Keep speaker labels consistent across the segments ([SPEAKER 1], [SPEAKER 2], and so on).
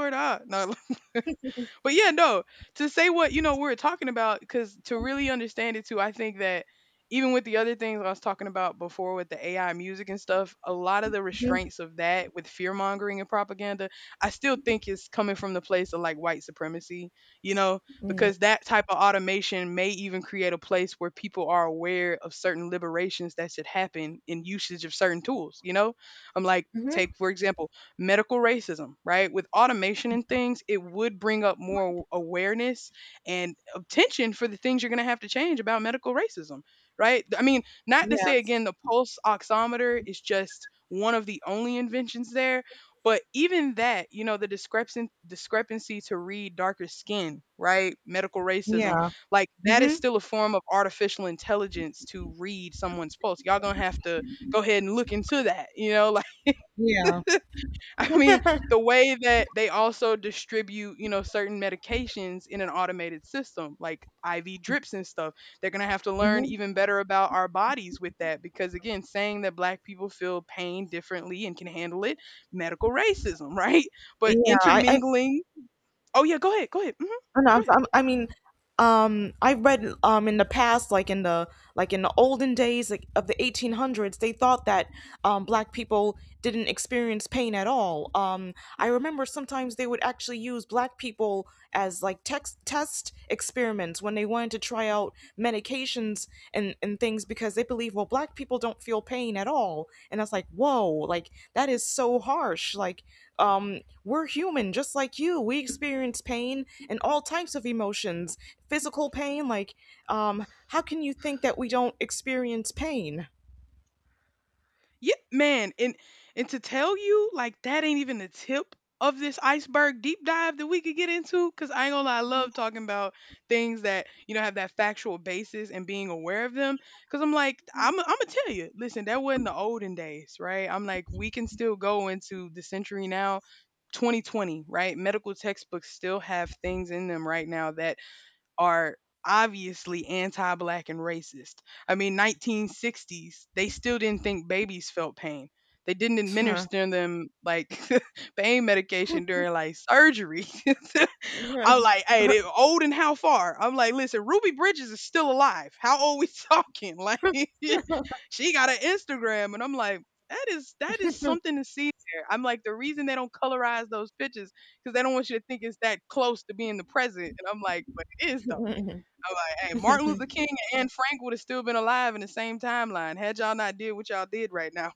[SPEAKER 1] Swear to No,
[SPEAKER 2] Mhm.
[SPEAKER 1] but yeah, no. To say what you know we were talking about, because to really understand it too, I think that even with the other things I was talking about before with the AI music and stuff, a lot of the restraints of that with fear mongering and propaganda, I still think is coming from the place of like white supremacy, you know,
[SPEAKER 2] Mm.
[SPEAKER 1] because that type of automation may even create a place where people are aware of certain liberations that should happen in usage of certain tools, you know? I'm like, take
[SPEAKER 2] Mhm.
[SPEAKER 1] for example, medical racism, right? With automation and things, it would bring up more awareness and attention for the things you're going to have to change about medical racism, right? I mean, not to say
[SPEAKER 2] Yes.
[SPEAKER 1] again, the pulse oximeter is just one of the only inventions there. But even that, you know, the discrepancy to read darker skin, right? Medical racism,
[SPEAKER 2] Yeah.
[SPEAKER 1] like that is
[SPEAKER 2] Mm-hmm.
[SPEAKER 1] still a form of artificial intelligence to read someone's pulse. Y'all gonna have to go ahead and look into that, you know, like,
[SPEAKER 2] Yeah.
[SPEAKER 1] I mean, the way that they also distribute, you know, certain medications in an automated system, like IV drips and stuff, they're going to have to learn
[SPEAKER 2] Mm-hmm.
[SPEAKER 1] even better about our bodies with that. Because again, saying that black people feel pain differently and can handle it, medical racism, right? But
[SPEAKER 2] Yeah. I
[SPEAKER 1] intermingling. Oh, yeah, go ahead. Go ahead.
[SPEAKER 2] Oh, no, I'm, so, I'm, I mean, I've read in the past, like in the olden days, like of the 1800s, they thought that black people didn't experience pain at all. I remember sometimes they would actually use black people as like text test experiments when they wanted to try out medications and things because they believe well black people don't feel pain at all, and I was like whoa, like that is so harsh, like we're human just like you. We experience pain and all types of emotions, physical pain. How can you think that we don't experience pain?
[SPEAKER 1] Yeah, man, and to tell you, like that ain't even the tip of this iceberg deep dive that we could get into. Cause I ain't gonna lie, I love talking about things that you know have that factual basis and being aware of them. Cause I'm like, I'm gonna tell you, listen, that wasn't the olden days, right? I'm like, we can still go into the century now. 2020, right? Medical textbooks still have things in them right now that are obviously anti-black and racist. I mean, 1960s, they still didn't think babies felt pain. They didn't
[SPEAKER 2] Huh.
[SPEAKER 1] administer them like pain medication during like surgery.
[SPEAKER 2] Yeah.
[SPEAKER 1] I'm like, hey, they old and how far? I'm like, listen, Ruby Bridges is still alive. How old we talking? Like, she got an Instagram, and I'm like, that is something to see. There. I'm like, the reason they don't colorize those pictures because they don't want you to think it's that close to being the present. And I'm like, but it is though. I'm like, hey, Martin Luther King and Anne Frank would have still been alive in the same timeline had y'all not did what y'all did right now.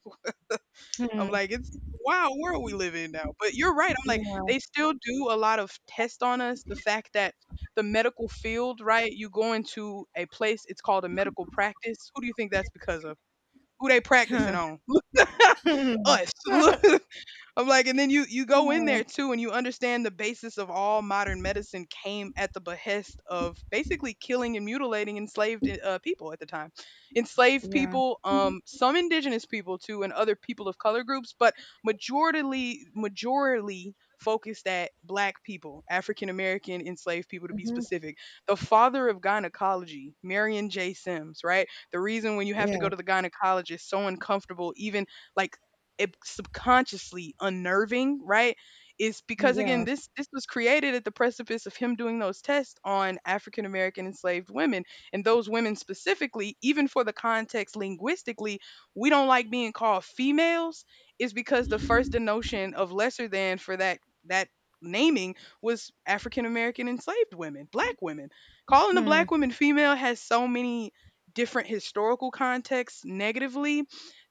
[SPEAKER 1] I'm like, it's wow, world we live in now. But you're right. I'm like, they still do a lot of tests on us. The fact that the medical field, right? You go into a place, it's called a medical practice. Who do you think that's because of? Who they practicing
[SPEAKER 2] Huh.
[SPEAKER 1] on? Us. I'm like, and then you go in there too, and you understand the basis of all modern medicine came at the behest of basically killing and mutilating enslaved people at the time, enslaved
[SPEAKER 2] Yeah.
[SPEAKER 1] people, some indigenous people too, and other people of color groups, but majorly focused at black people, African American enslaved people to be
[SPEAKER 2] Mhm.
[SPEAKER 1] specific. The father of gynecology, Marion J. Sims, right? The reason when you have to go
[SPEAKER 2] Yeah.
[SPEAKER 1] to the gynecologist, so uncomfortable, even like it subconsciously unnerving, right? Is because again,
[SPEAKER 2] Yeah.
[SPEAKER 1] this was created at the precipice of him doing those tests on African American enslaved women, and those women specifically, even for the context linguistically, we don't like being called females. Is because the first denotion of lesser than for that naming was African American enslaved women, black women. Calling a
[SPEAKER 2] Hmm.
[SPEAKER 1] black woman female has so many different historical contexts negatively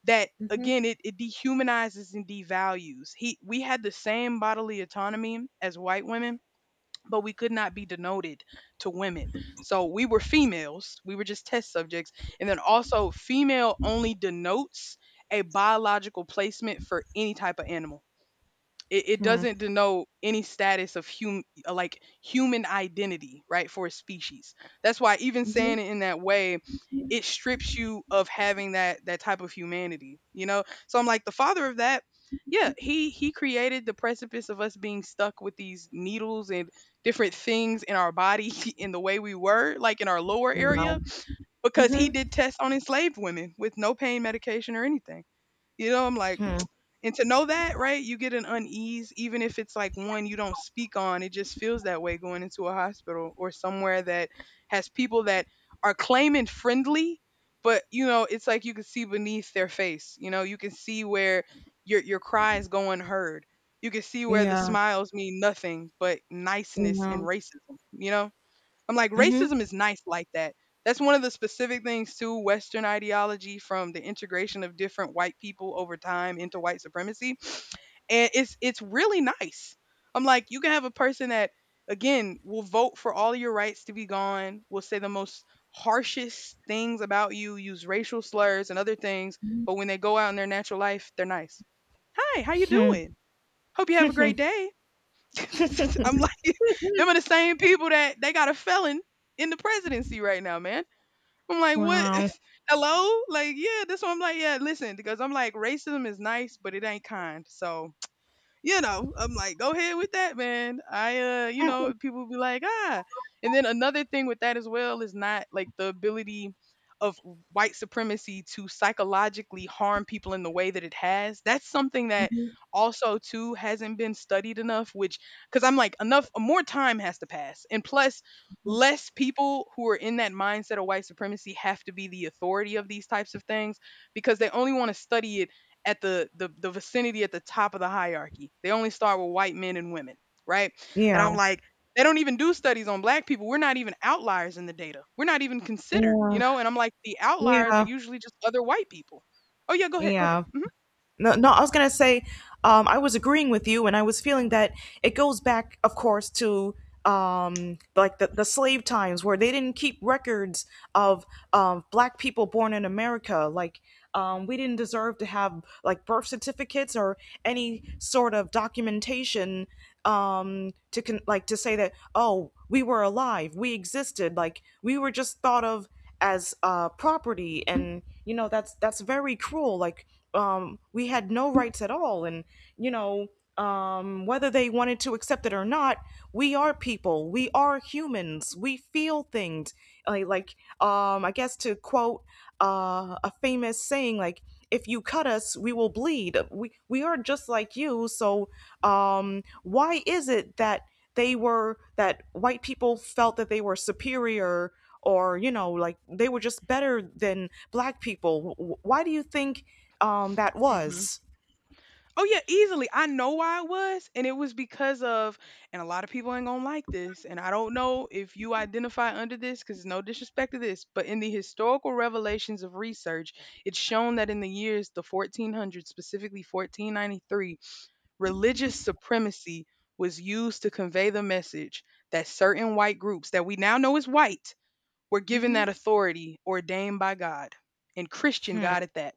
[SPEAKER 1] that
[SPEAKER 2] Mhm.
[SPEAKER 1] again it dehumanizes and devalues he we had the same bodily autonomy as white women but we could not be denoted to women so we were females we were just test subjects and then also female only denotes a biological placement for any type of animal it
[SPEAKER 2] Hmm.
[SPEAKER 1] doesn't denote any status of hum like human identity right for a species that's why even
[SPEAKER 2] Mhm.
[SPEAKER 1] saying it in that way it strips you of having that type of humanity you know so I'm like the father of that yeah he created the precipice of us being stuck with these needles and different things in our body in the way we were like in our lower
[SPEAKER 2] Wow.
[SPEAKER 1] area because he
[SPEAKER 2] Mhm.
[SPEAKER 1] did tests on enslaved women with no pain medication or anything you know I'm like
[SPEAKER 2] Hmm.
[SPEAKER 1] and to know that, right, you get an unease, even if it's like one you don't speak on, it just feels that way going into a hospital or somewhere that has people that are claiming friendly, but you know, it's like you can see beneath their face. You know, you can see where your cry is going unheard. You can see where the
[SPEAKER 2] Yeah.
[SPEAKER 1] smiles mean nothing but niceness and
[SPEAKER 2] Yeah.
[SPEAKER 1] racism, you know? I'm like,
[SPEAKER 2] Mhm.
[SPEAKER 1] racism is nice like that. That's one of the specific things too. Western ideology from the integration of different white people over time into white supremacy. And it's really nice. I'm like, you can have a person that again will vote for all your rights to be gone, will say the most harshest things about you, use racial slurs and other things, but when they go out in their natural life, they're nice. Hi, how you
[SPEAKER 2] Hmm.
[SPEAKER 1] doing? Hope you have a great day. I'm like them are the same people that they got a felon in the presidency right now, man. I'm like,
[SPEAKER 2] Wow.
[SPEAKER 1] what? Hello? Like, yeah, that's what I'm like. Yeah, listen, because I'm like, racism is nice, but it ain't kind. So you know, I'm like, go ahead with that, man. You know, people be like, ah. And then another thing with that as well is not like the ability of white supremacy to psychologically harm people in the way that it has. That's something that
[SPEAKER 2] Mhm.
[SPEAKER 1] also too hasn't been studied enough which because I'm like enough more time has to pass and plus less people who are in that mindset of white supremacy have to be the authority of these types of things because they only want to study it at the vicinity at the top of the hierarchy. They only start with white men and women, right? And
[SPEAKER 2] Yeah.
[SPEAKER 1] I'm like, they don't even do studies on black people. We're not even outliers in the data. We're not even considered, you
[SPEAKER 2] Yeah.
[SPEAKER 1] know? And I'm like, the outliers are
[SPEAKER 2] Yeah.
[SPEAKER 1] usually just other white people. Oh yeah, go ahead.
[SPEAKER 2] Yeah. No, no, I was gonna say, I was agreeing with you, and I was feeling that it goes back, of course, to the slave times where they didn't keep records of black people born in America. Like we didn't deserve to have like birth certificates or any sort of documentation like to say that oh we were alive, we existed, like we were just thought of as property, and you know that's very cruel. Like we had no rights at all, and you know, whether they wanted to accept it or not, we are people. We are humans. We feel things. I guess to quote a famous saying, like if you cut us, we will bleed. We are just like you. So why is it that they were that white people felt that they were superior, or you know like they were just better than black people? Why do you think that
[SPEAKER 1] hmm
[SPEAKER 2] was?
[SPEAKER 1] Oh yeah, easily. I know why it was, and it was because of, and a lot of people ain't gonna like this, and I don't know if you identify under this, because it's no disrespect to this, but in the historical revelations of research, it's shown that in the years the 1400s, specifically 1493, religious supremacy was used to convey the message that certain white groups that we now know is white we're given that
[SPEAKER 2] Mm-hmm.
[SPEAKER 1] authority ordained by God and Christian
[SPEAKER 2] Hmm.
[SPEAKER 1] God at that.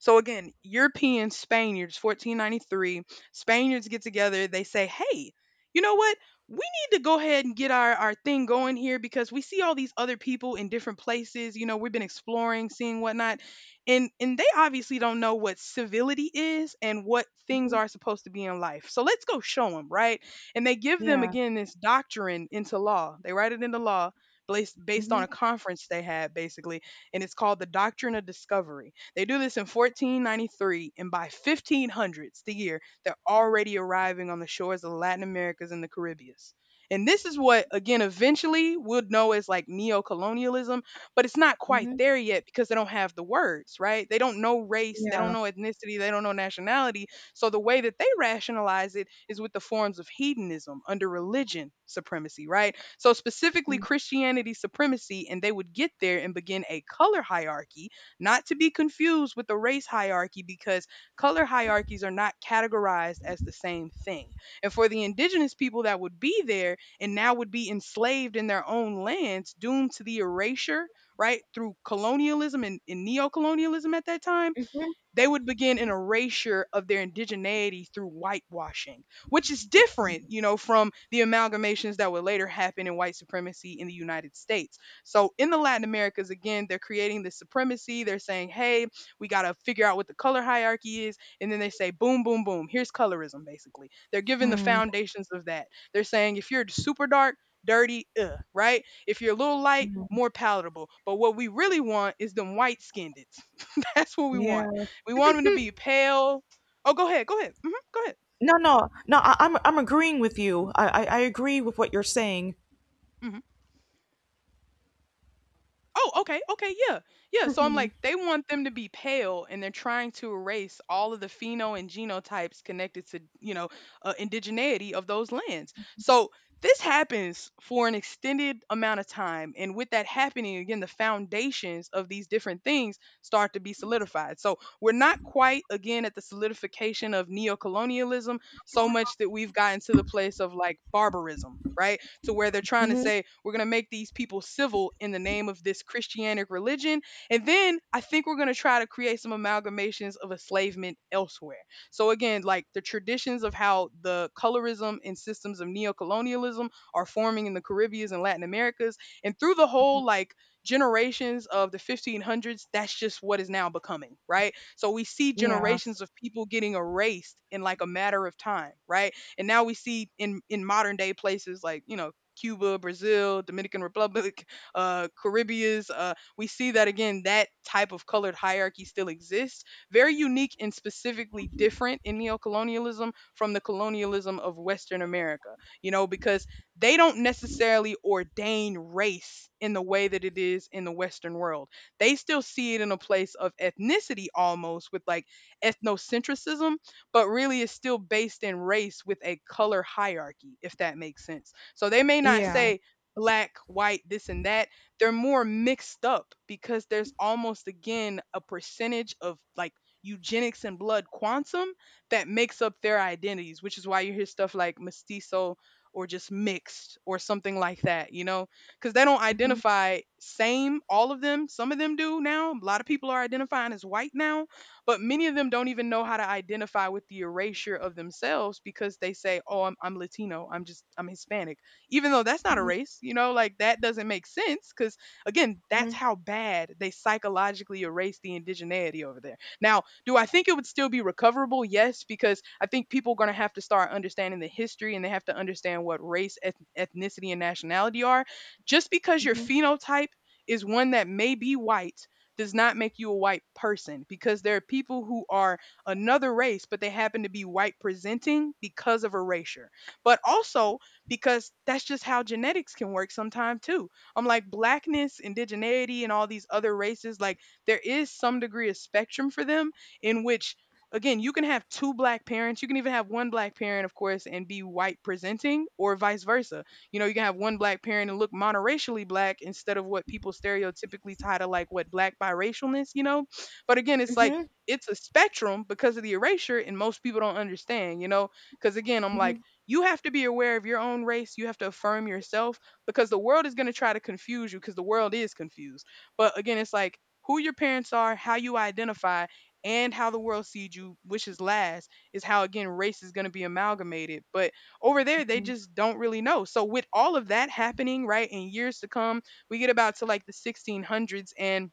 [SPEAKER 1] So again, European Spaniards, 1493, Spaniards get together. They say, hey, you know what? We need to go ahead and get our thing going here because we see all these other people in different places. You know, we've been exploring, seeing whatnot. And they obviously don't know what civility is and what things are supposed to be in life. So let's go show them, right? And they give them
[SPEAKER 2] Yeah.
[SPEAKER 1] again this doctrine into law. They write it into law based on
[SPEAKER 2] Mm-hmm.
[SPEAKER 1] a conference they had basically, and it's called the Doctrine of Discovery. They do this in 1493, and by 1500s the year, they're already arriving on the shores of Latin Americas and the Caribbean. And this is what, again, eventually we'll know as like neo-colonialism, but it's not quite
[SPEAKER 2] Mm-hmm.
[SPEAKER 1] there yet because they don't have the words, right? They don't know race, they don't
[SPEAKER 2] Yeah.
[SPEAKER 1] know ethnicity, they don't know nationality. So the way that they rationalize it is with the forms of hedonism under religion supremacy, right? So, specifically Christianity supremacy, and they would get there and begin a color hierarchy, not to be confused with the race hierarchy, because color hierarchies are not categorized as the same thing. And for the indigenous people that would be there and now would be enslaved in their own lands, doomed to the erasure, right, through colonialism and neo colonialism at that time, they would begin an erasure of their indigeneity through whitewashing, which is different, you know, from the amalgamations that would later happen in white supremacy in the United States. So in the Latin Americas, again, they're creating this supremacy. They're saying, hey, we got to figure out what the color hierarchy is. And then they say, boom, boom, boom, here's colorism, basically. They're giving the
[SPEAKER 2] Hmm.
[SPEAKER 1] foundations of that. They're saying, if you're super dark, dirty, right? If you're a little light, more palatable. But what we really want is them white skinned. That's what we
[SPEAKER 2] Yeah.
[SPEAKER 1] want. We want him to be pale. Oh, go ahead, go ahead. Hmm, go ahead.
[SPEAKER 2] No, no, no, I'm agreeing with you. I agree with what you're saying.
[SPEAKER 1] Hmm. Oh, okay, okay, yeah, yeah. So I'm like, they want them to be pale, and they're trying to erase all of the pheno and genotypes connected to, you know, indigeneity of those lands. So this happens for an extended amount of time, and with that happening, again, the foundations of these different things start to be solidified. So we're not quite again at the solidification of neocolonialism so much that we've gotten to the place of like barbarism, right? To where they're trying to
[SPEAKER 2] Mm-hmm.
[SPEAKER 1] say we're going to make these people civil in the name of this Christianic religion. And then I think we're going to try to create some amalgamations of enslavement elsewhere. So again, like the traditions of how the colorism and systems of neocolonialism are forming in the Caribbeans and Latin Americas and through the whole like generations of the 1500s, that's just what is now becoming, right? So we see
[SPEAKER 2] Yeah.
[SPEAKER 1] generations of people getting erased in like a matter of time, right? And now we see in modern day places like, you know, Cuba, Brazil, Dominican Republic, Caribbeans. We see that again, that type of colored hierarchy still exists. Very unique and specifically different in neocolonialism from the colonialism of Western America, you know, because they don't necessarily ordain race in the way that it is in the Western world. They still see it in a place of ethnicity almost with like ethnocentrism, but really it's still based in race with a color hierarchy, if that makes sense. So they may not
[SPEAKER 2] Yeah.
[SPEAKER 1] say black, white, this and that. They're more mixed up because there's almost again a percentage of like eugenics and blood quantum that makes up their identities, which is why you hear stuff like mestizo or just mixed or something like that, you know? Because they don't
[SPEAKER 2] Mm-hmm.
[SPEAKER 1] identify same, all of them. Some of them do now. A lot of people are identifying as white now, but many of them don't even know how to identify with the erasure of themselves because they say, oh, I'm Latino, I'm just, I'm Hispanic, even though that's not a
[SPEAKER 2] Mm-hmm.
[SPEAKER 1] race, you know, like that doesn't make sense because, again, that's how bad they psychologically erase the indigeneity over there. Now, do I think it would still be recoverable? Yes, because I think people are going to have to start understanding the history and they have to understand what race, ethnicity, and nationality are. Just because your
[SPEAKER 2] Hmm.
[SPEAKER 1] phenotype is one that may be white does not make you a white person because there are people who are another race, but they happen to be white presenting because of erasure. But also, because that's just how genetics can work sometimes too. I'm like blackness, indigeneity, and all these other races, like there is some degree of spectrum for them in which again you can have two black parents, you can even have one black parent of course and be white presenting or vice versa, you know. You can have one black parent and look monoracially black instead of what people stereotypically tie to like what black biracialness, you know. But again, it's like
[SPEAKER 2] Mm-hmm.
[SPEAKER 1] it's a spectrum because of the erasure and most people don't understand, you know, because again I'm like
[SPEAKER 2] Mm-hmm.
[SPEAKER 1] you have to be aware of your own race. You have to affirm yourself because the world is going to try to confuse you because the world is confused. But again, it's like who your parents are, how you identify, and how the world sees you, which is last, is how again race is going to be amalgamated. But over there, they just don't really know. So with all of that happening, right, in years to come, we get about to like the 1600s and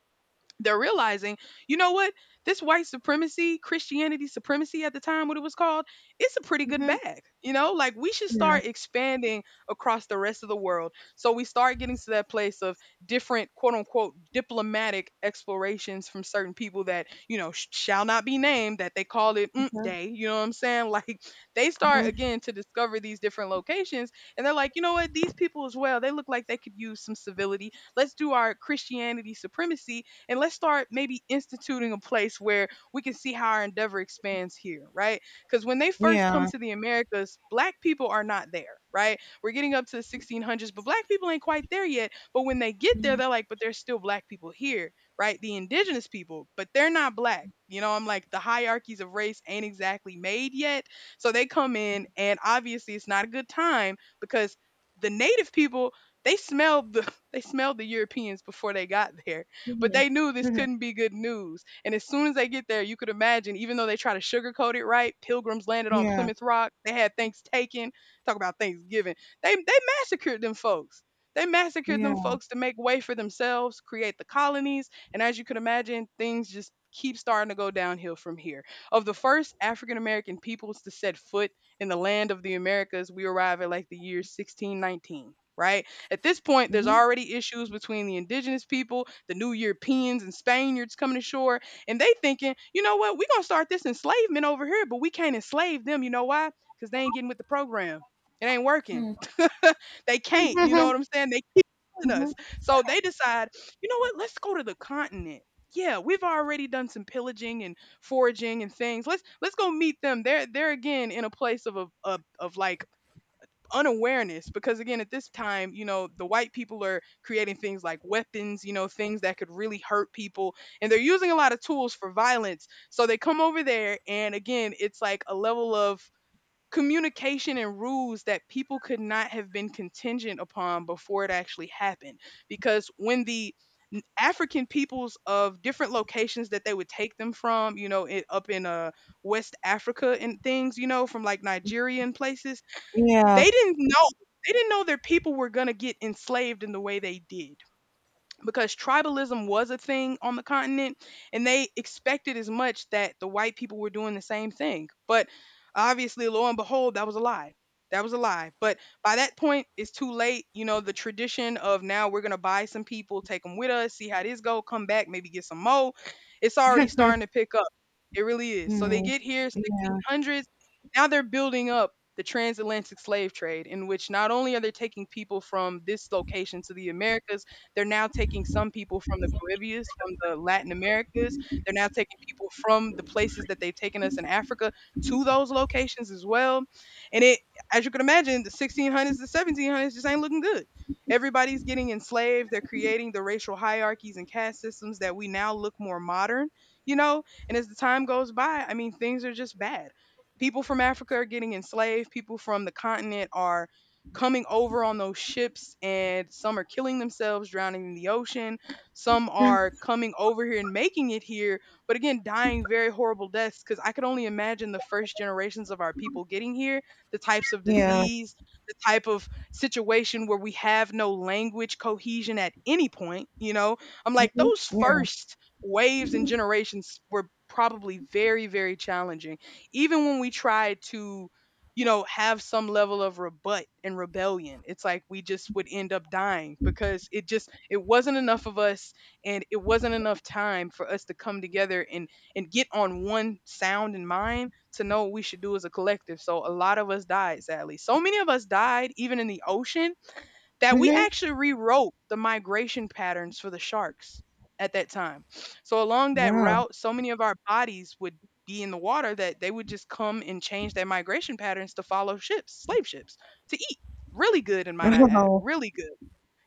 [SPEAKER 1] they're realizing, you know what? This white supremacy, Christianity supremacy at the time, what it was called, it's a pretty good
[SPEAKER 2] Mm-hmm.
[SPEAKER 1] bag. You know, like we should
[SPEAKER 2] Yeah.
[SPEAKER 1] start expanding across the rest of the world. So we start getting to that place of different, quote unquote, diplomatic explorations from certain people that, you know, shall not be named, that they call it mm day. You know what I'm saying? Like they start
[SPEAKER 2] Mm-hmm.
[SPEAKER 1] again to discover these different locations. And they're like, you know what? These people as well, they look like they could use some civility. Let's do our Christianity supremacy and let's start maybe instituting a place where we can see how our endeavor expands here, right? Because when they first come
[SPEAKER 2] Yeah.
[SPEAKER 1] to the Americas, black people are not there, right? We're getting up to the 1600s, but black people ain't quite there yet. But when they get there, they're like, but there's still black people here, right? The indigenous people, but they're not black. You know, I'm like the hierarchies of race ain't exactly made yet. So they come in, and obviously it's not a good time because the native people, they smelled the they smelled the Europeans before they got there. But
[SPEAKER 2] Mm-hmm.
[SPEAKER 1] they knew this
[SPEAKER 2] Mhm.
[SPEAKER 1] couldn't be good news. And as soon as they get there, you could imagine, even though they try to sugarcoat it, right? Pilgrims landed on
[SPEAKER 2] Yeah.
[SPEAKER 1] Plymouth Rock. They had thanks taken. Talk about Thanksgiving. They massacred them folks. They massacred them
[SPEAKER 2] Yeah.
[SPEAKER 1] folks to make way for themselves, create the colonies, and as you can imagine, things just keep starting to go downhill from here. Of the first African American peoples to set foot in the land of the Americas, we arrive at like the year 1619, right? At this point, there's
[SPEAKER 2] Hmm.
[SPEAKER 1] already issues between the indigenous people, the new Europeans and Spaniards coming ashore, and they thinking, you know what, we're gonna start this enslavement over here, but we can't enslave them. You know why? Because they ain't getting with the program. It ain't working.
[SPEAKER 2] Hmm.
[SPEAKER 1] They can't, you know what I'm saying? They killing us. So they decide, you know what, let's go to the continent. Yeah, we've already done some pillaging and foraging and things. Let's go meet them. They're again in a place of like unawareness because again at this time, you know, the white people are creating things like weapons, you know, things that could really hurt people, and they're using a lot of tools for violence. So they come over there and again it's like a level of communication and rules that people could not have been contingent upon before it actually happened because when the African peoples of different locations that they would take them from, you know, it, up in West Africa and things, you know, from like Nigerian places,
[SPEAKER 2] Yeah.
[SPEAKER 1] they didn't know they didn't know their people were gonna get enslaved in the way they did because tribalism was a thing on the continent and they expected as much that the white people were doing the same thing. But obviously, lo and behold, that was a lie. That was a lie. But by that point, it's too late. You know, the tradition of now we're going to buy some people, take them with us, see how this go, come back, maybe get some more. It's already starting to pick up. It really is. So they
[SPEAKER 2] Mm.
[SPEAKER 1] get here
[SPEAKER 2] Yeah.
[SPEAKER 1] 1600s. Now they're building up the transatlantic slave trade in which not only are they taking people from this location to the Americas, they're now taking some people from the Caribbeas, from the Latin Americas. They're now taking people from the places that they've taken us in Africa to those locations as well. And it, as you can imagine, the 1600s, the 1700s just ain't looking good. Everybody's getting enslaved. They're creating the racial hierarchies and caste systems that we now look more modern, you know? And as the time goes by, I mean, things are just bad. People from Africa are getting enslaved. People from the continent are coming over on those ships and some are killing themselves drowning in the ocean, some are coming over here and making it here but again dying very horrible deaths because I could only imagine the first generations of our people getting here, the types of
[SPEAKER 2] Yeah.
[SPEAKER 1] disease, the type of situation where we have no language cohesion at any point, you know. I'm like
[SPEAKER 2] Mhm.
[SPEAKER 1] those
[SPEAKER 2] Yeah.
[SPEAKER 1] first waves and generations were probably very challenging even when we tried to, you know, have some level of rebut and rebellion. It's like we just would end up dying because it wasn't enough of us and it wasn't enough time for us to come together and get on one sound in mind to know what we should do as a collective. So a lot of us died, sadly. So many of us died even in the ocean that we
[SPEAKER 2] Mhm.
[SPEAKER 1] actually rewrote the migration patterns for the sharks at that time. So along that
[SPEAKER 2] Wow.
[SPEAKER 1] route, so many of our bodies would be in the water that they would just come and change their migration patterns to follow ships, slave ships, to eat. Really good, and might I add,
[SPEAKER 2] Wow.
[SPEAKER 1] really good.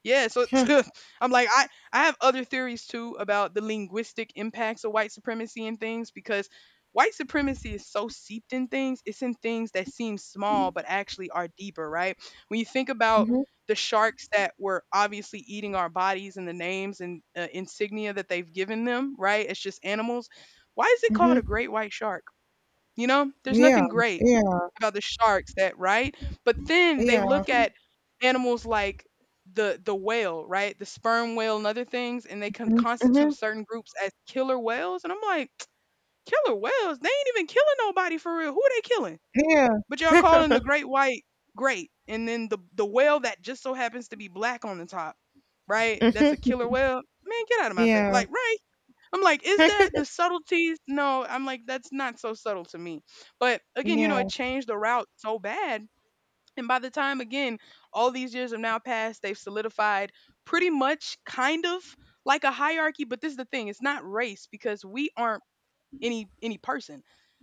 [SPEAKER 1] Yeah, so
[SPEAKER 2] Hmm.
[SPEAKER 1] I'm like I have other theories too about the linguistic impacts of white supremacy and things, because white supremacy is so seeped in things. It's in things that seem small but actually are deeper, right? When you think about
[SPEAKER 2] Mhm.
[SPEAKER 1] the sharks that were obviously eating our bodies and the names and insignia that they've given them, right? It's just animals. Why is it called
[SPEAKER 2] Mhm.
[SPEAKER 1] a great white shark? You know, there's
[SPEAKER 2] Yeah.
[SPEAKER 1] nothing great
[SPEAKER 2] Yeah.
[SPEAKER 1] about the sharks, that right? But then they
[SPEAKER 2] Yeah.
[SPEAKER 1] look at animals like the whale, right? The sperm whale and other things, and they can
[SPEAKER 2] Mhm.
[SPEAKER 1] constitute certain groups as killer whales. And I'm like, killer whales? They ain't even killing nobody for real. Who are they killing?
[SPEAKER 2] Mhm.
[SPEAKER 1] But y'all calling the great white great, and then the whale that just so happens to be black on the top, right? That's a killer whale. Man, get out of
[SPEAKER 2] Yeah. Mm.
[SPEAKER 1] my face!
[SPEAKER 2] Yeah. Yeah.
[SPEAKER 1] Like, right? I'm like, is that the subtleties? No, I'm like, that's not so subtle to me. But again, you know, it changed the route so bad. And by the time, again, all these years have now passed, they've solidified pretty much kind of like a hierarchy. But this is the thing, it's not race because we aren't any person.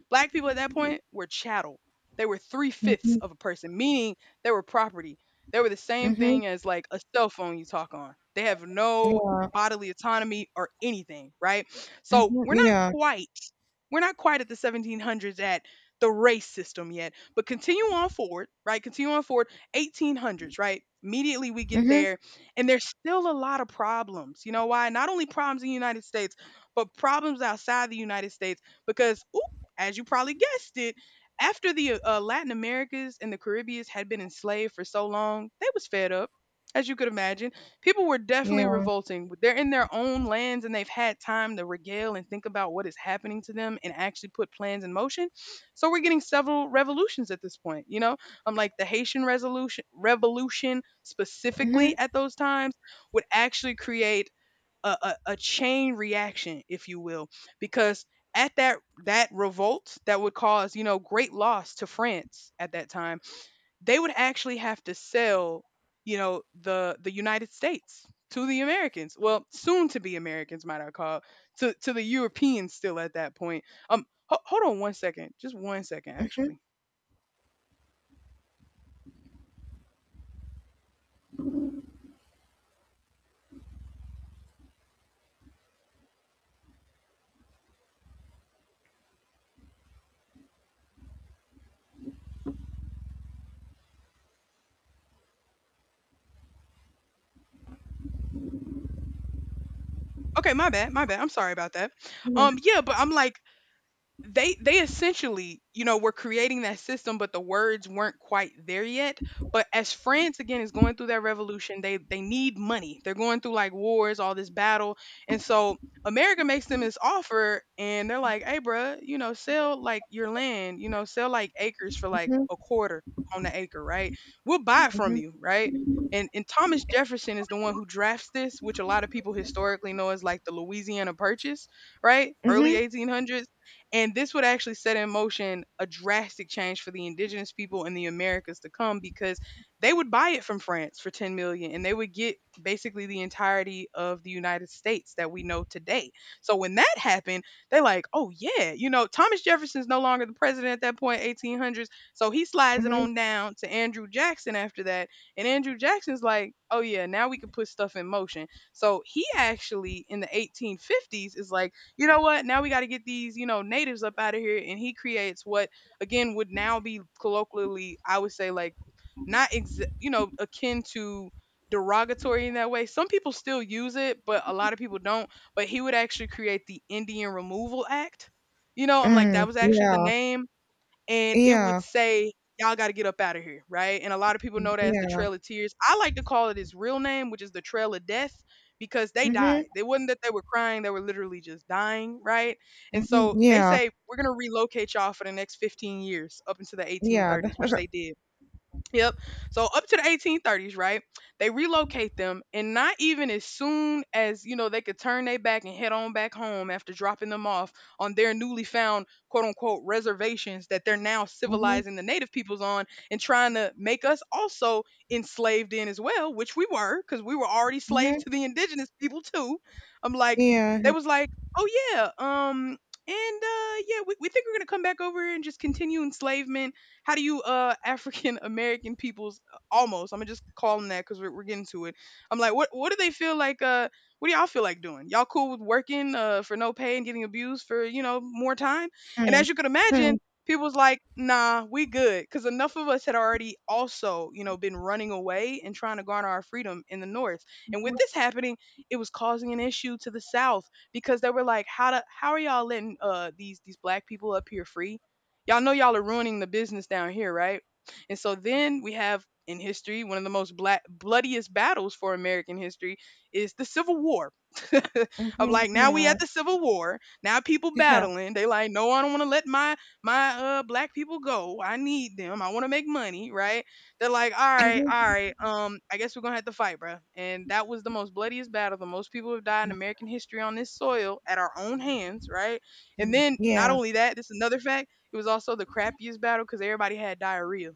[SPEAKER 1] Black people at that point were chattel. They were three-fifths of a person, meaning they were property. They were the same
[SPEAKER 2] Mhm.
[SPEAKER 1] thing as like a cell phone you talk on. They have no bodily autonomy or anything, right? So we're not
[SPEAKER 2] Yeah.
[SPEAKER 1] quite we're not quite at the 1700s at the race system yet, but continue on forward, right? Continue on forward, 1800s, right? Immediately we get
[SPEAKER 2] Mhm.
[SPEAKER 1] there, and there's still a lot of problems. You know why? Not only problems in the United States, but problems outside the United States, because, ooh, as you probably guessed it, after the Latin Americas and the Caribbeans had been enslaved for so long, they was fed up. As you could imagine, people were definitely
[SPEAKER 2] Yeah.
[SPEAKER 1] revolting. They're in their own lands and they've had time to regale and think about what is happening to them and actually put plans in motion. So we're getting several revolutions at this point, you know? I'm like the Haitian resolution revolution
[SPEAKER 2] Mhm. Yeah. Mhm.
[SPEAKER 1] specifically at those times would actually create a chain reaction, if you will, because at that revolt that would cause, you know, great loss to France at that time, they would actually have to sell, you know, the United States to the Americans. Well, soon to be Americans, might I call, to the Europeans still at that point. Hold on one second, just one second,
[SPEAKER 2] Mhm.
[SPEAKER 1] actually. Okay, my bad, my bad. I'm sorry about that. Yeah, but I'm like, they essentially you know were creating that system, but the words weren't quite there yet. But as France, again, is going through that revolution, they need money, they're going through like wars, all this battle. And so America makes them this offer and they're like, hey, bruh, you know, sell like your land, you know, sell like acres for like
[SPEAKER 2] Mhm.
[SPEAKER 1] a quarter on the acre, right? We'll buy it from you, right? And Thomas Jefferson is the one who drafts this, which a lot of people historically know as like the Louisiana Purchase, right? Early
[SPEAKER 2] Mhm.
[SPEAKER 1] 1800s. And this would actually set in motion a drastic change for the indigenous people in the Americas to come, because they would buy it from France for 10 million and they would get basically the entirety of the United States that we know today. So when that happened, they like, "Oh yeah, you know, Thomas Jefferson's no longer the president at that point, 18 hundreds." So he slides it
[SPEAKER 2] Mhm.
[SPEAKER 1] on down to Andrew Jackson after that. And Andrew Jackson's like, "Oh yeah, now we can put stuff in motion." So he actually in the 1850s is like, you know what? Now we got to get these, you know, natives up out of here. And he creates what, again, would now be colloquially, I would say, like, not, ex- you know, akin to derogatory in that way. Some people still use it, but a lot of people don't. But he would actually create the Indian Removal Act. You know, I'm like, that
[SPEAKER 2] Mm.
[SPEAKER 1] was actually the
[SPEAKER 2] Yeah.
[SPEAKER 1] name, and it would
[SPEAKER 2] Yeah.
[SPEAKER 1] say, "Y'all gotta get up out of here," right? And a lot of people know that as the
[SPEAKER 2] Yeah.
[SPEAKER 1] Trail of Tears. I like to call it his real name, which is the Trail of Death, because they died.
[SPEAKER 2] Mhm.
[SPEAKER 1] It wasn't that they were crying; they were literally just dying, right? And
[SPEAKER 2] Mhm.
[SPEAKER 1] so they
[SPEAKER 2] Yeah.
[SPEAKER 1] say, "We're gonna relocate y'all for the next 15 years, up into the
[SPEAKER 2] Yeah.
[SPEAKER 1] 1830s," which they did. Yep. So up to the 1830s, right? They relocate them, and not even as soon as, you know, they could turn their back and head on back home after dropping them off on their newly found, quote unquote, reservations that they're now
[SPEAKER 2] Mhm.
[SPEAKER 1] civilizing the native peoples on and trying to make us also enslaved in as well, which we were because we were already slave
[SPEAKER 2] Mhm.
[SPEAKER 1] to the indigenous people too. I'm like, they
[SPEAKER 2] Yeah.
[SPEAKER 1] was like, oh yeah, and yeah, we think we're gonna come back over here and just continue enslavement. How do you African American people's almost, I'm gonna just call them that because we're getting to it. I'm like, what do they feel like? What do y'all feel like doing? Y'all cool with working for no pay and getting abused for, you know, more time? And
[SPEAKER 2] Hmm.
[SPEAKER 1] as you could
[SPEAKER 2] Hmm.
[SPEAKER 1] imagine, people was like, nah, we good because enough of us had already also, you know, been running away and trying to garner our freedom in the North. And with this happening, it was causing an issue to the South because they were like, how are y'all letting these black people up here free? Y'all know y'all are ruining the business down here, right? And so then we have in history one of the most black, bloodiest battles for American history is the Civil War. I'm like, now we
[SPEAKER 2] Yeah.
[SPEAKER 1] at the Civil War. Now people
[SPEAKER 2] Yeah.
[SPEAKER 1] battling. They like, no, I don't want to let my my black people go. I need them. I want to make money, right? They're like, all right, all right. I guess we're gonna have to fight, bruh. And that was the most bloodiest battle. The most people have died in American history on this soil at our own hands, right? And then not
[SPEAKER 2] Yeah.
[SPEAKER 1] only that, this is another fact, it was also the crappiest battle because everybody had diarrhea.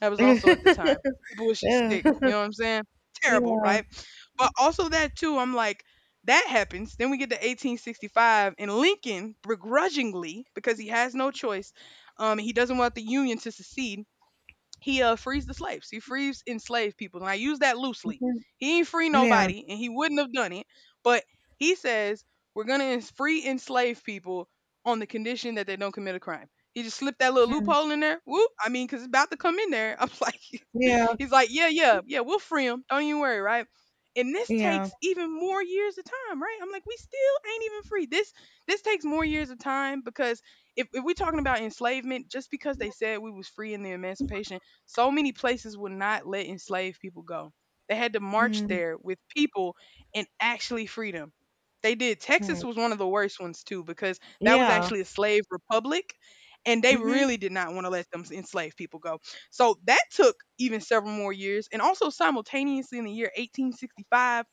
[SPEAKER 1] That was also at the time. People was just
[SPEAKER 2] Yeah.
[SPEAKER 1] sick. You know what I'm saying? Terrible,
[SPEAKER 2] Yeah.
[SPEAKER 1] right? But also that too, I'm like, that happens. Then we get to 1865, and Lincoln, begrudgingly, because he has no choice, he doesn't want the Union to secede, he frees the slaves. He frees enslaved people. And I use that loosely.
[SPEAKER 2] Mhm.
[SPEAKER 1] He ain't free
[SPEAKER 2] Yeah.
[SPEAKER 1] nobody and he wouldn't have done it. But he says free enslaved people on the condition that they don't commit a crime. He just slipped that little
[SPEAKER 2] Hmm.
[SPEAKER 1] loophole in there. Whoop. I mean, cause it's about to come in there. I'm like,
[SPEAKER 2] Yeah,
[SPEAKER 1] he's like, yeah, yeah, yeah, we'll free him. Don't you worry, right? And this
[SPEAKER 2] yeah,
[SPEAKER 1] takes even more years of time, right? I'm like, we still ain't even free. This takes more years of time because, if we're talking about enslavement, just because they said we was free in the emancipation, so many places would not let enslaved people go. They had to march
[SPEAKER 2] mm-hmm.
[SPEAKER 1] there with people and actually free them. They did. Texas was one of the worst ones too, because that was
[SPEAKER 2] Yeah.
[SPEAKER 1] actually a slave republic and they
[SPEAKER 2] Mm-hmm.
[SPEAKER 1] really did not want to let them enslaved people go. So that took even several more years. And also simultaneously in the year 1865,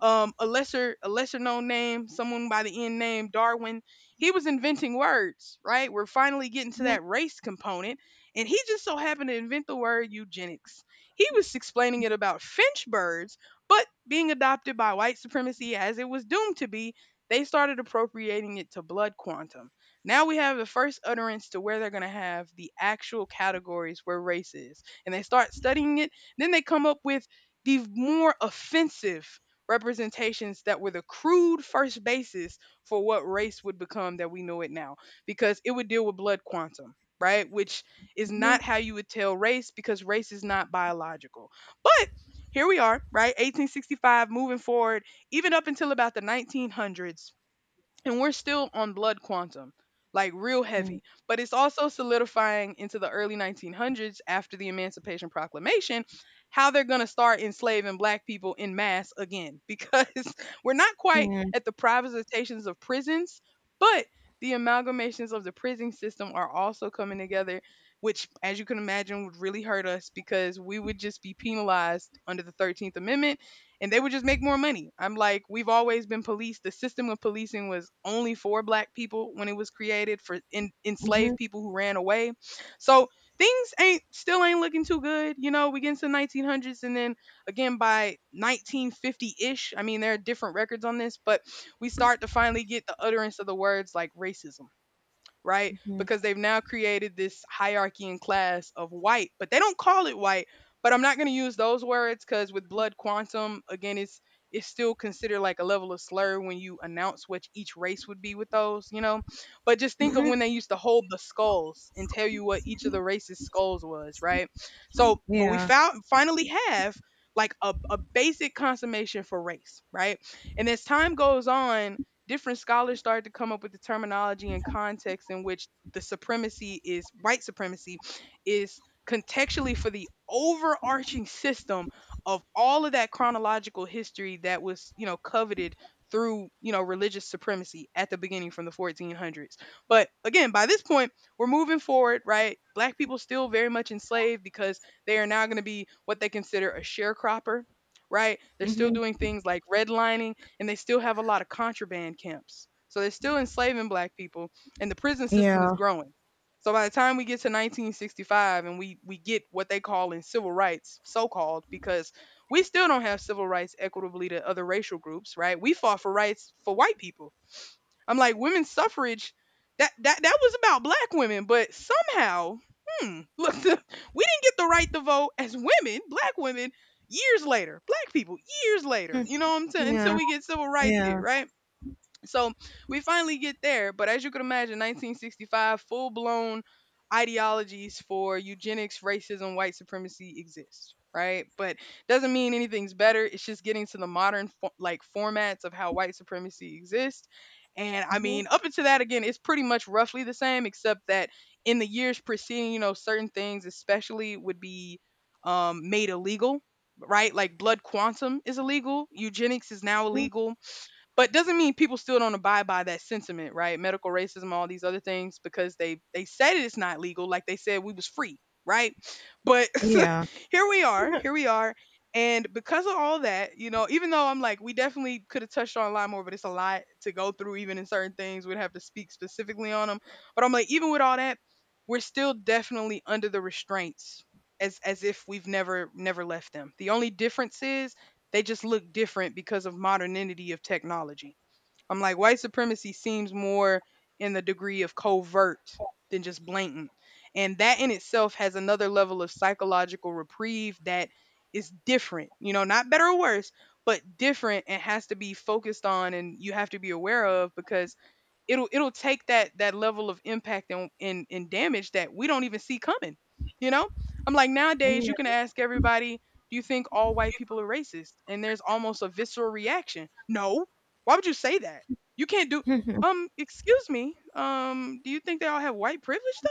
[SPEAKER 1] a lesser known name, someone by the end name Darwin. He was inventing words, right? We're finally getting to
[SPEAKER 2] Mm-hmm.
[SPEAKER 1] that race component, and he just so happened to invent the word eugenics. He was explaining it about finch birds, but being adopted by white supremacy as it was doomed to be, they started appropriating it to blood quantum. Now we have the first utterance to where they're going to have the actual categories where race is. And they start studying it. Then they come up with the more offensive representations that were the crude first basis for what race would become that we know it now, because it would deal with blood quantum, right? Which is not how you would tell race because race is not biological. But here we are, right? 1865, moving forward, even up until about the 1900s, and we're still on blood quantum like real heavy, but it's also solidifying into the early 1900s after the Emancipation Proclamation, how they're going to start enslaving black people in mass again because we're not quite at the privatizations of prisons, but the amalgamations of the prison system are also coming together, which as you can imagine would really hurt us because we would just be penalized under the 13th amendment and they would just make more money. I'm like, we've always been policed. The system of policing was only for black people when it was created for enslaved
[SPEAKER 2] Mm-hmm.
[SPEAKER 1] people who ran away. So things ain't still ain't looking too good. You know, we get into the 1900s, and then again by 1950-ish, I mean there are different records on this, but we start to finally get the utterance of the words like racism, right? Because they've now created this hierarchy and class of white, but they don't call it white. But I'm not going to use those words because with blood quantum, again, it's still considered like a level of slur when you announce what each race would be with those, you know. But just think of when they used to hold the skulls and tell you what each of the races' skulls was, right? So, but we
[SPEAKER 2] Yeah.
[SPEAKER 1] found finally have like a basic consummation for race, right? And as time goes on, different scholars started to come up with the terminology and context in which the supremacy is white supremacy is contextually for the overarching system of all of that chronological history that was, you know, coveted through, you know, religious supremacy at the beginning from the 1400s. But again, by this point, we're moving forward, right? Black people still very much enslaved because they are now going to be what they consider a sharecropper, right? They're still
[SPEAKER 2] Mm-hmm.
[SPEAKER 1] doing things like redlining, and they still have a lot of contraband camps. So they're still enslaving black people, and the prison system is
[SPEAKER 2] Yeah.
[SPEAKER 1] growing. So by the time we get to 1965 and we get what they call in civil rights, so-called, because we still don't have civil rights equitably to other racial groups, right? We fought for rights for white people. I'm like, women's suffrage, that was about black women, but somehow, hmm, look, we didn't get the right to vote as women, black women, years later, black people, years later. You know what I'm saying? Until
[SPEAKER 2] Yeah.
[SPEAKER 1] we get civil rights here,
[SPEAKER 2] Yeah.
[SPEAKER 1] right? So we finally get there, but as you could imagine, 1965, full blown ideologies for eugenics, racism, white supremacy exist, right? But doesn't mean anything's better. It's just getting to the modern like formats of how white supremacy exists. And I
[SPEAKER 2] Mhm.
[SPEAKER 1] mean, up until that again, it's pretty much roughly the same, except that in the years preceding, you know, certain things, especially, would be made illegal, right? Like blood quantum is illegal, eugenics is now illegal, but doesn't mean people still don't abide by that sentiment, right? Medical racism, all these other things, because they said it's not legal, like they said we was free, right? But
[SPEAKER 2] Yeah.
[SPEAKER 1] here we are, here we are. And because of all that, you know, even though I'm like we definitely could have touched on a lot more, but it's a lot to go through, even in certain things we'd have to speak specifically on them. But I'm like, even with all that, we're still definitely under the restraints as if we've never left them. The only difference is they just look different because of modernity of technology. I'm like, white supremacy seems more in the degree of covert than just blatant. And that in itself has another level of psychological reprieve that is different, you know, not better or worse, but different, and has to be focused on, and you have to be aware of, because it'll take that level of impact and damage that we don't even see coming, you know. I'm like, nowadays
[SPEAKER 2] Yeah.
[SPEAKER 1] you can ask everybody, do you think all white people are racist? And there's almost a visceral reaction. No, why would you say that? You can't do, excuse me, do you think they all have white privilege?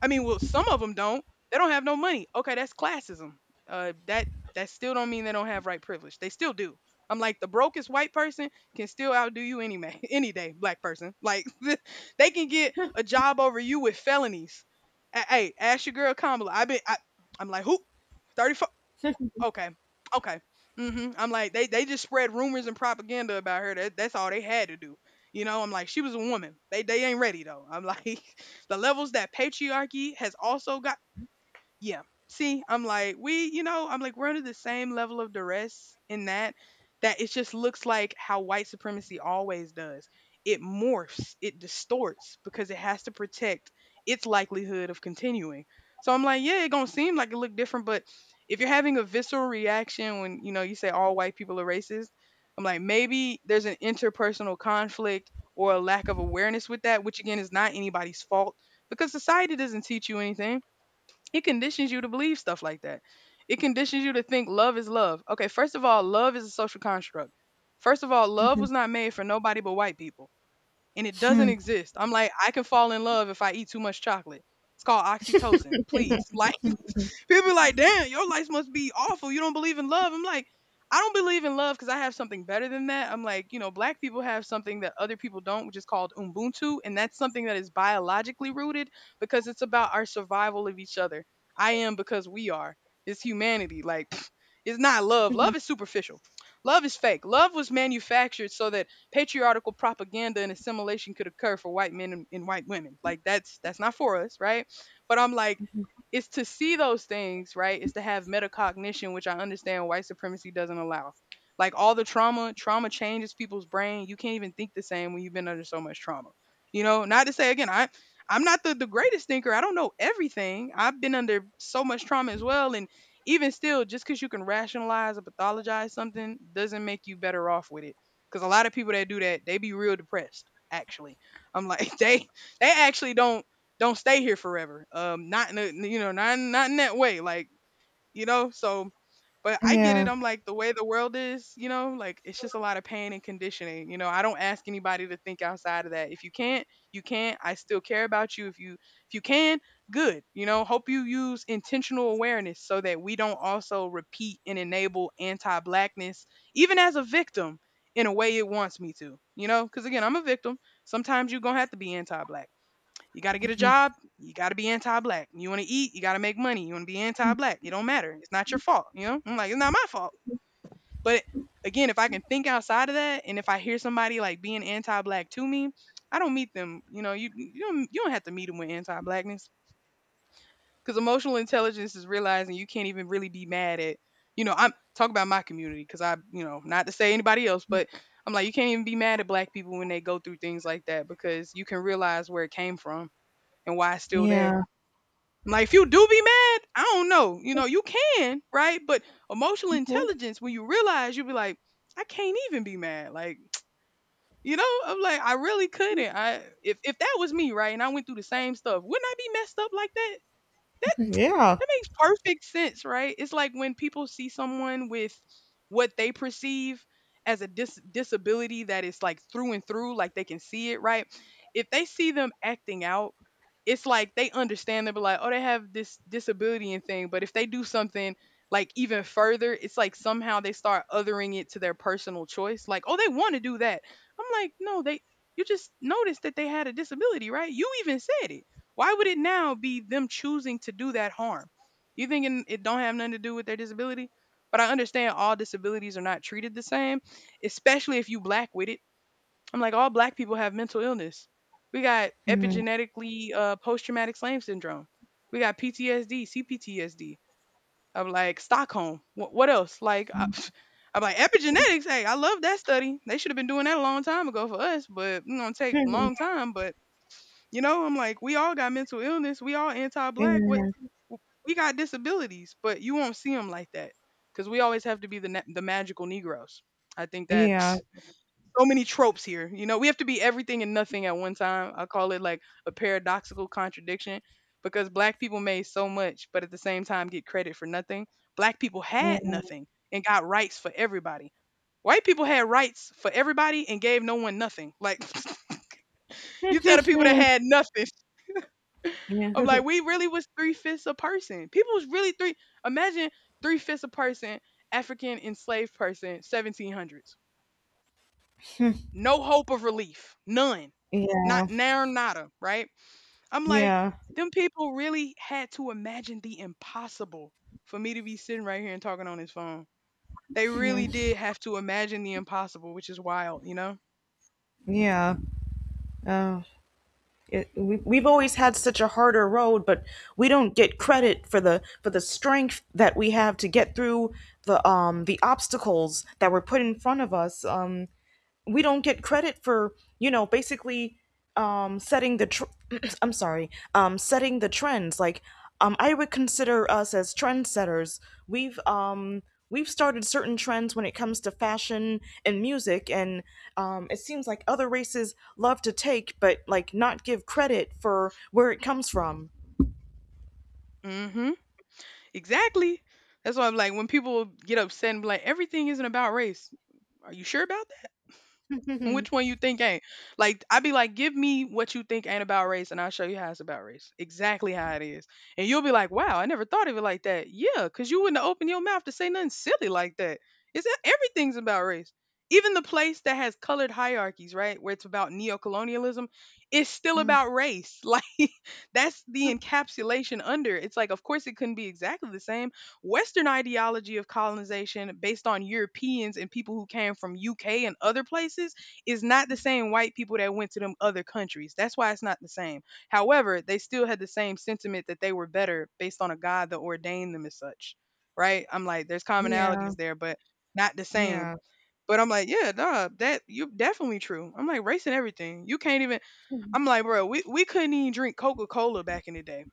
[SPEAKER 1] I mean, well, some of them don't. They don't have no money. Okay, that's classism. That that still don't mean they don't have right privilege. They still do. I'm like, the brokest white person can still outdo you any man, any day, black person. Like, they can get a job over you with felonies. A- Hey, ask your girl Kamala. I've been. I'm like, who? 34. Okay. Okay. Mhm. I'm like they just spread rumors and propaganda about her. That's all they had to do. You know, I'm like, she was a woman. They ain't ready though. I'm like, the levels that patriarchy has also got. Yeah. See, I'm like, we, you know, I'm like, we're under the same level of duress in that, that it just looks like how white supremacy always does. It morphs, it distorts because it has to protect its likelihood of continuing. So I'm like, yeah, it gonna seem like it look different, but if you're having a visceral reaction when, you know, you say all white people are racist, I'm like, maybe there's an interpersonal conflict or a lack of awareness with that, which again is not anybody's fault, because society doesn't teach you anything, it conditions you to believe stuff like that. It conditions you to think love is love. Okay, first of all, love is a social construct. First of all, love was not made for nobody but white people, and it doesn't exist. I'm like, I can fall in love if I eat too much chocolate. It's called oxytocin. Please, like, people be like, damn, your life must be awful. You don't believe in love. I'm like, I don't believe in love because I have something better than that. I'm like, you know, black people have something that other people don't, which is called Ubuntu. And that's something that is biologically rooted because it's about our survival of each other. I am because we are. It's humanity. Like, pfft, it's not love.
[SPEAKER 2] Mm-hmm.
[SPEAKER 1] Love is superficial. Love is fake. Love was manufactured so that patriarchal propaganda and assimilation could occur for white men and white women. Like that's not for us, right? But I'm like, is to see those things, right? Is to have metacognition, which I understand white supremacy doesn't allow. Like all the trauma, trauma changes people's brain. You can't even think the same when you've been under so much trauma. You know, not to say again, I'm not the, the greatest thinker. I don't know everything. I've been under so much trauma as well. And even still, just because you can rationalize or pathologize something doesn't make you better off with it. Because a lot of people that do that, they be real depressed, actually. I'm like, they actually don't stay here forever. Not in a, you know, not in that way, like, you know. So, but I get it.
[SPEAKER 2] Yeah.
[SPEAKER 1] I'm like, the way the world is, you know, like, it's just a lot of pain and conditioning. You know, I don't ask anybody to think outside of that. If you can't, you can't. I still care about you. If you can, good. You know, hope you use intentional awareness so that we don't also repeat and enable anti-blackness, even as a victim, in a way it wants me to. You know, because again, I'm a victim. Sometimes you're gonna have to be anti-black. You got to get a job. You got to be anti-black. You want to eat. You got to make money. You want to be anti-black. It don't matter. It's not your fault. You know, I'm like, it's not my fault. But again, if I can think outside of that, and if I hear somebody like being anti-black to me, I don't meet them. You know, you don't you don't have to meet them with anti-blackness because emotional intelligence is realizing you can't even really be mad at. You know, I'm talk about my community because I not to say anybody else, but I'm like you can't even be mad at black people when they go through things like that because you can realize where it came from and why it's still there.
[SPEAKER 2] Yeah.
[SPEAKER 1] Like if you do be mad, I don't know. You know, you can, right? But emotional intelligence, when you realize you be like, I can't even be mad. Like, you know, I'm like, I really couldn't. I If that was me, right, and I went through the same stuff, wouldn't I be messed up like that?
[SPEAKER 2] Yeah.
[SPEAKER 1] That makes perfect sense, right? It's like when people see someone with what they perceive as a disability that is like through and through, like they can see it, right? If they see them acting out, it's like they understand. They'll be like, oh, they have this disability and thing. But if they do something like even further, it's like somehow they start othering it to their personal choice. Like, oh, they want to do that. I'm like, no, they. You just noticed that they had a disability, right? You even said it, why would it now be them choosing to do that harm, you thinking it don't have nothing to do with their disability? But I understand all disabilities are not treated the same, especially if you black with it. I'm like, all black people have mental illness. We got
[SPEAKER 2] Mm-hmm.
[SPEAKER 1] epigenetically post-traumatic slave syndrome. We got PTSD, CPTSD. I'm like Stockholm. What else? Like, I, I'm like epigenetics. Hey, I love that study. They should have been doing that a long time ago for us, but you know, it take a long time. But you know, I'm like, we all got mental illness. We all anti-black. What w- we got disabilities, but you won't see them like that because we always have to be the the magical Negroes. I think that
[SPEAKER 2] Yeah.
[SPEAKER 1] so many tropes here. You know, we have to be everything and nothing at one time. I call it like a paradoxical contradiction because black people made so much, but at the same time get credit for nothing. Black people
[SPEAKER 2] Yeah.
[SPEAKER 1] had nothing and got rights for everybody. White people had rights for everybody and gave no one nothing. Like
[SPEAKER 2] Yeah.
[SPEAKER 1] you tell the people that had nothing. I'm like,
[SPEAKER 2] Yeah.
[SPEAKER 1] we really was three fifths a person. People was really three. Imagine three fifths a person, African enslaved person, 1700s. No hope of relief, none.
[SPEAKER 2] Yeah.
[SPEAKER 1] Not now, nada. Right? I'm like,
[SPEAKER 2] Yeah.
[SPEAKER 1] them people really had to imagine the impossible for me to be sitting right here and talking on this phone. They
[SPEAKER 2] Mhm.
[SPEAKER 1] really did have to imagine the impossible, which is wild, you know?
[SPEAKER 2] Yeah. Uh, It, we've always had such a harder road, but we don't get credit for the strength that we have to get through the obstacles that were put in front of us. We don't get credit for you know basically setting the tr- I'm sorry, setting the trends. I would consider us as trendsetters. we've um we've started certain trends when it comes to fashion and music, and it seems like other races love to take but like not give credit for where it comes from.
[SPEAKER 1] Mm-hmm. Exactly. That's why I'm like, when people get upset and be like, everything isn't about race. Are you sure about. Which one you think ain't? Like I'd be like, give me what you think ain't about race, and I'll show you how it's about race. Exactly how it is. And you'll be like, wow, I never thought of it like that. Yeah, because you wouldn't open your mouth to say nothing silly like that. It's e, everything's about race. Even the place that has colored hierarchies, right? Where it's about neo-colonialism, it's still
[SPEAKER 2] Mm,
[SPEAKER 1] about race. Like that's the encapsulation under. It's like, of course, it couldn't be exactly the same. Western ideology of colonization based on Europeans and people who came from UK and other places is not the same white people that went to them other countries. That's why it's not the same. However, they still had the same sentiment that they were better based on a God that ordained them as such. Right? I'm like, there's
[SPEAKER 2] yeah.
[SPEAKER 1] commonalities there, but not the same.
[SPEAKER 2] Yeah.
[SPEAKER 1] But I'm like, yeah, nah, that you definitely true. I'm like, race and everything. You can't even I'm like, bro, we couldn't even drink Coca Cola back in the day.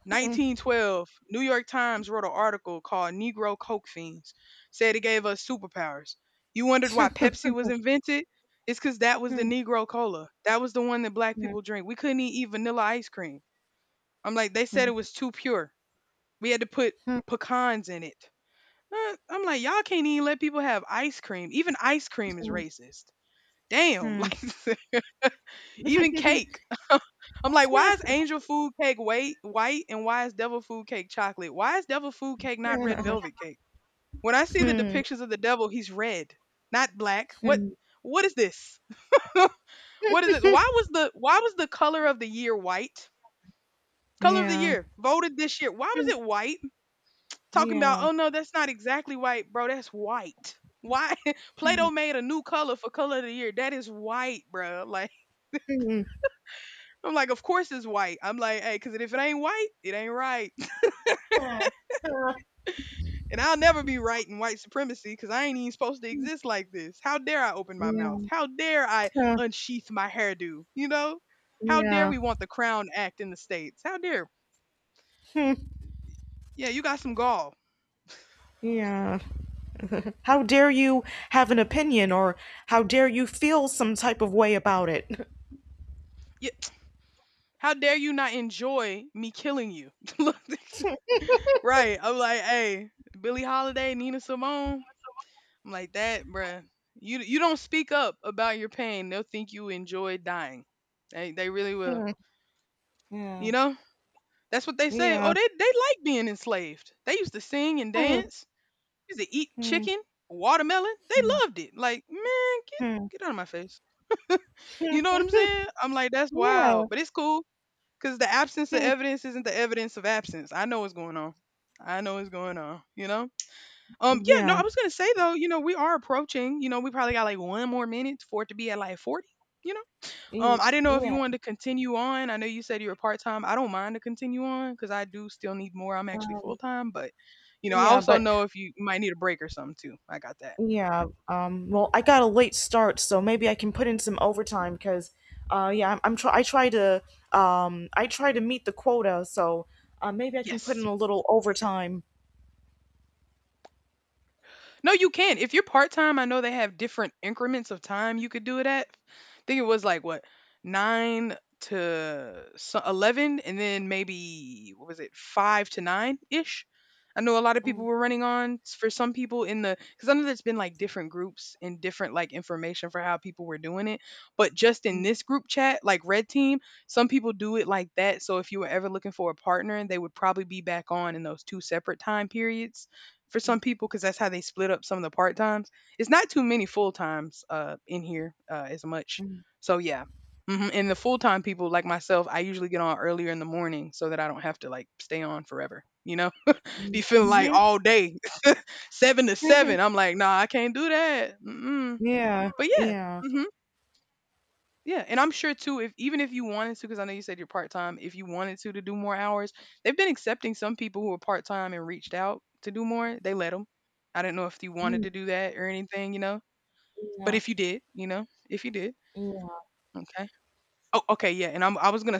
[SPEAKER 1] 1912, New York Times wrote an article called Negro Coke Fiends, said it gave us superpowers. You wondered why Pepsi was invented? It's because that was the Negro Cola. That was the one that black
[SPEAKER 2] Mm,
[SPEAKER 1] people drink. We couldn't even eat vanilla ice cream. I'm like, they said
[SPEAKER 2] mm,
[SPEAKER 1] it was too pure. We had to put
[SPEAKER 2] mm,
[SPEAKER 1] pecans in it. I'm like, y'all can't even let people have ice cream. Even ice cream is racist. Damn, like
[SPEAKER 2] mm,
[SPEAKER 1] even cake. I'm like, why is angel food cake white, white, and why is devil food cake chocolate? Why is devil food cake not red velvet cake? When I see the
[SPEAKER 2] mm,
[SPEAKER 1] depictions of the devil, he's red, not black. What?
[SPEAKER 2] mm.
[SPEAKER 1] What is this? What is it? Why was the color of the year white? Color of the
[SPEAKER 2] Yeah.
[SPEAKER 1] year voted this year. Why was it white? Talking about,
[SPEAKER 2] Yeah.
[SPEAKER 1] oh no, that's not exactly white, bro. That's white. Why? Plato made a new color for color of the year. That is white, bro. Like
[SPEAKER 2] Mhm.
[SPEAKER 1] I'm like, of course it's white. I'm like, hey, because if it ain't white, it ain't right. And I'll never be right in white supremacy because I ain't even supposed to exist like this. How dare I open my mouth?
[SPEAKER 2] Yeah.
[SPEAKER 1] How dare I unsheath my hairdo? You know? How dare
[SPEAKER 2] Yeah.
[SPEAKER 1] we want the Crown Act in the States? How dare? Yeah, you got some gall.
[SPEAKER 2] Yeah. How dare you have an opinion, or how dare you feel some type of way about it?
[SPEAKER 1] Yeah. How dare you not enjoy me killing you? Look, right. I'm like, hey, Billie Holiday, Nina Simone. I'm like, that, bruh. You don't speak up about your pain, they'll think you enjoy dying. They really will. You
[SPEAKER 2] Yeah.
[SPEAKER 1] know? That's what they say.
[SPEAKER 2] Yeah.
[SPEAKER 1] Oh, they like being enslaved. They used to sing and
[SPEAKER 2] Hmm,
[SPEAKER 1] dance. Used to eat
[SPEAKER 2] hmm,
[SPEAKER 1] chicken, watermelon. They loved it. Like, man, get
[SPEAKER 2] hmm.
[SPEAKER 1] get out of my face. You know what I'm saying? I'm like, that's wild,
[SPEAKER 2] Yeah.
[SPEAKER 1] but it's cool because the absence of evidence isn't the evidence of absence. I know what's going on. I know what's going on. You know. Yeah. No, I
[SPEAKER 2] Yeah.
[SPEAKER 1] was gonna say though. You know, we are approaching. You know, we probably got like one more minute for it to be at like 40. You know. I didn't know if you
[SPEAKER 2] Yeah.
[SPEAKER 1] wanted to continue on. I know you said you were part time. I don't mind to continue on because I do still need more. I'm actually full time, but you know, I
[SPEAKER 2] Yeah,
[SPEAKER 1] also
[SPEAKER 2] but
[SPEAKER 1] know if you might need a break or something too. I got that.
[SPEAKER 2] yeah, well, I got a late start, so maybe I can put in some overtime cuz yeah, I try to meet the quota, so maybe I can put in
[SPEAKER 1] Yes.
[SPEAKER 2] a little overtime.
[SPEAKER 1] No, you can. If you're part time, I know they have different increments of time you could do it at. I think it was like what 9 to 11, and then maybe what was it 5 to 9 ish. I know a lot of people were running on for some people in the because I know there's been like different groups and different like information for how people were doing it, but just in this group chat, like Red Team, some people do it like that. So if you were ever looking for a partner, they would probably be back on in those two separate time periods for some people because that's how they split up some of the part times. It's not too many full times in here as much. So yeah, hmm, and the full time people like myself, I usually get on earlier in the morning so that I don't have to like stay on forever. You know, be feeling like
[SPEAKER 2] Mhm.
[SPEAKER 1] all day seven to
[SPEAKER 2] Mhm.
[SPEAKER 1] seven. I'm like, nah, I can't do that. Mm-mm.
[SPEAKER 2] Yeah.
[SPEAKER 1] But yeah.
[SPEAKER 2] Yeah.
[SPEAKER 1] Mm-hmm. Yeah, and I'm sure too, if even if you wanted to, because I know you said you're part time, if you wanted to do more hours, they've been accepting some people who are part time and reached out to do more. They let them. I didn't know if you wanted
[SPEAKER 2] Mm-hmm.
[SPEAKER 1] to do that or anything, you know. But
[SPEAKER 2] Yeah.
[SPEAKER 1] if you did, you know, if you did, okay. Oh, okay, yeah. And I was gonna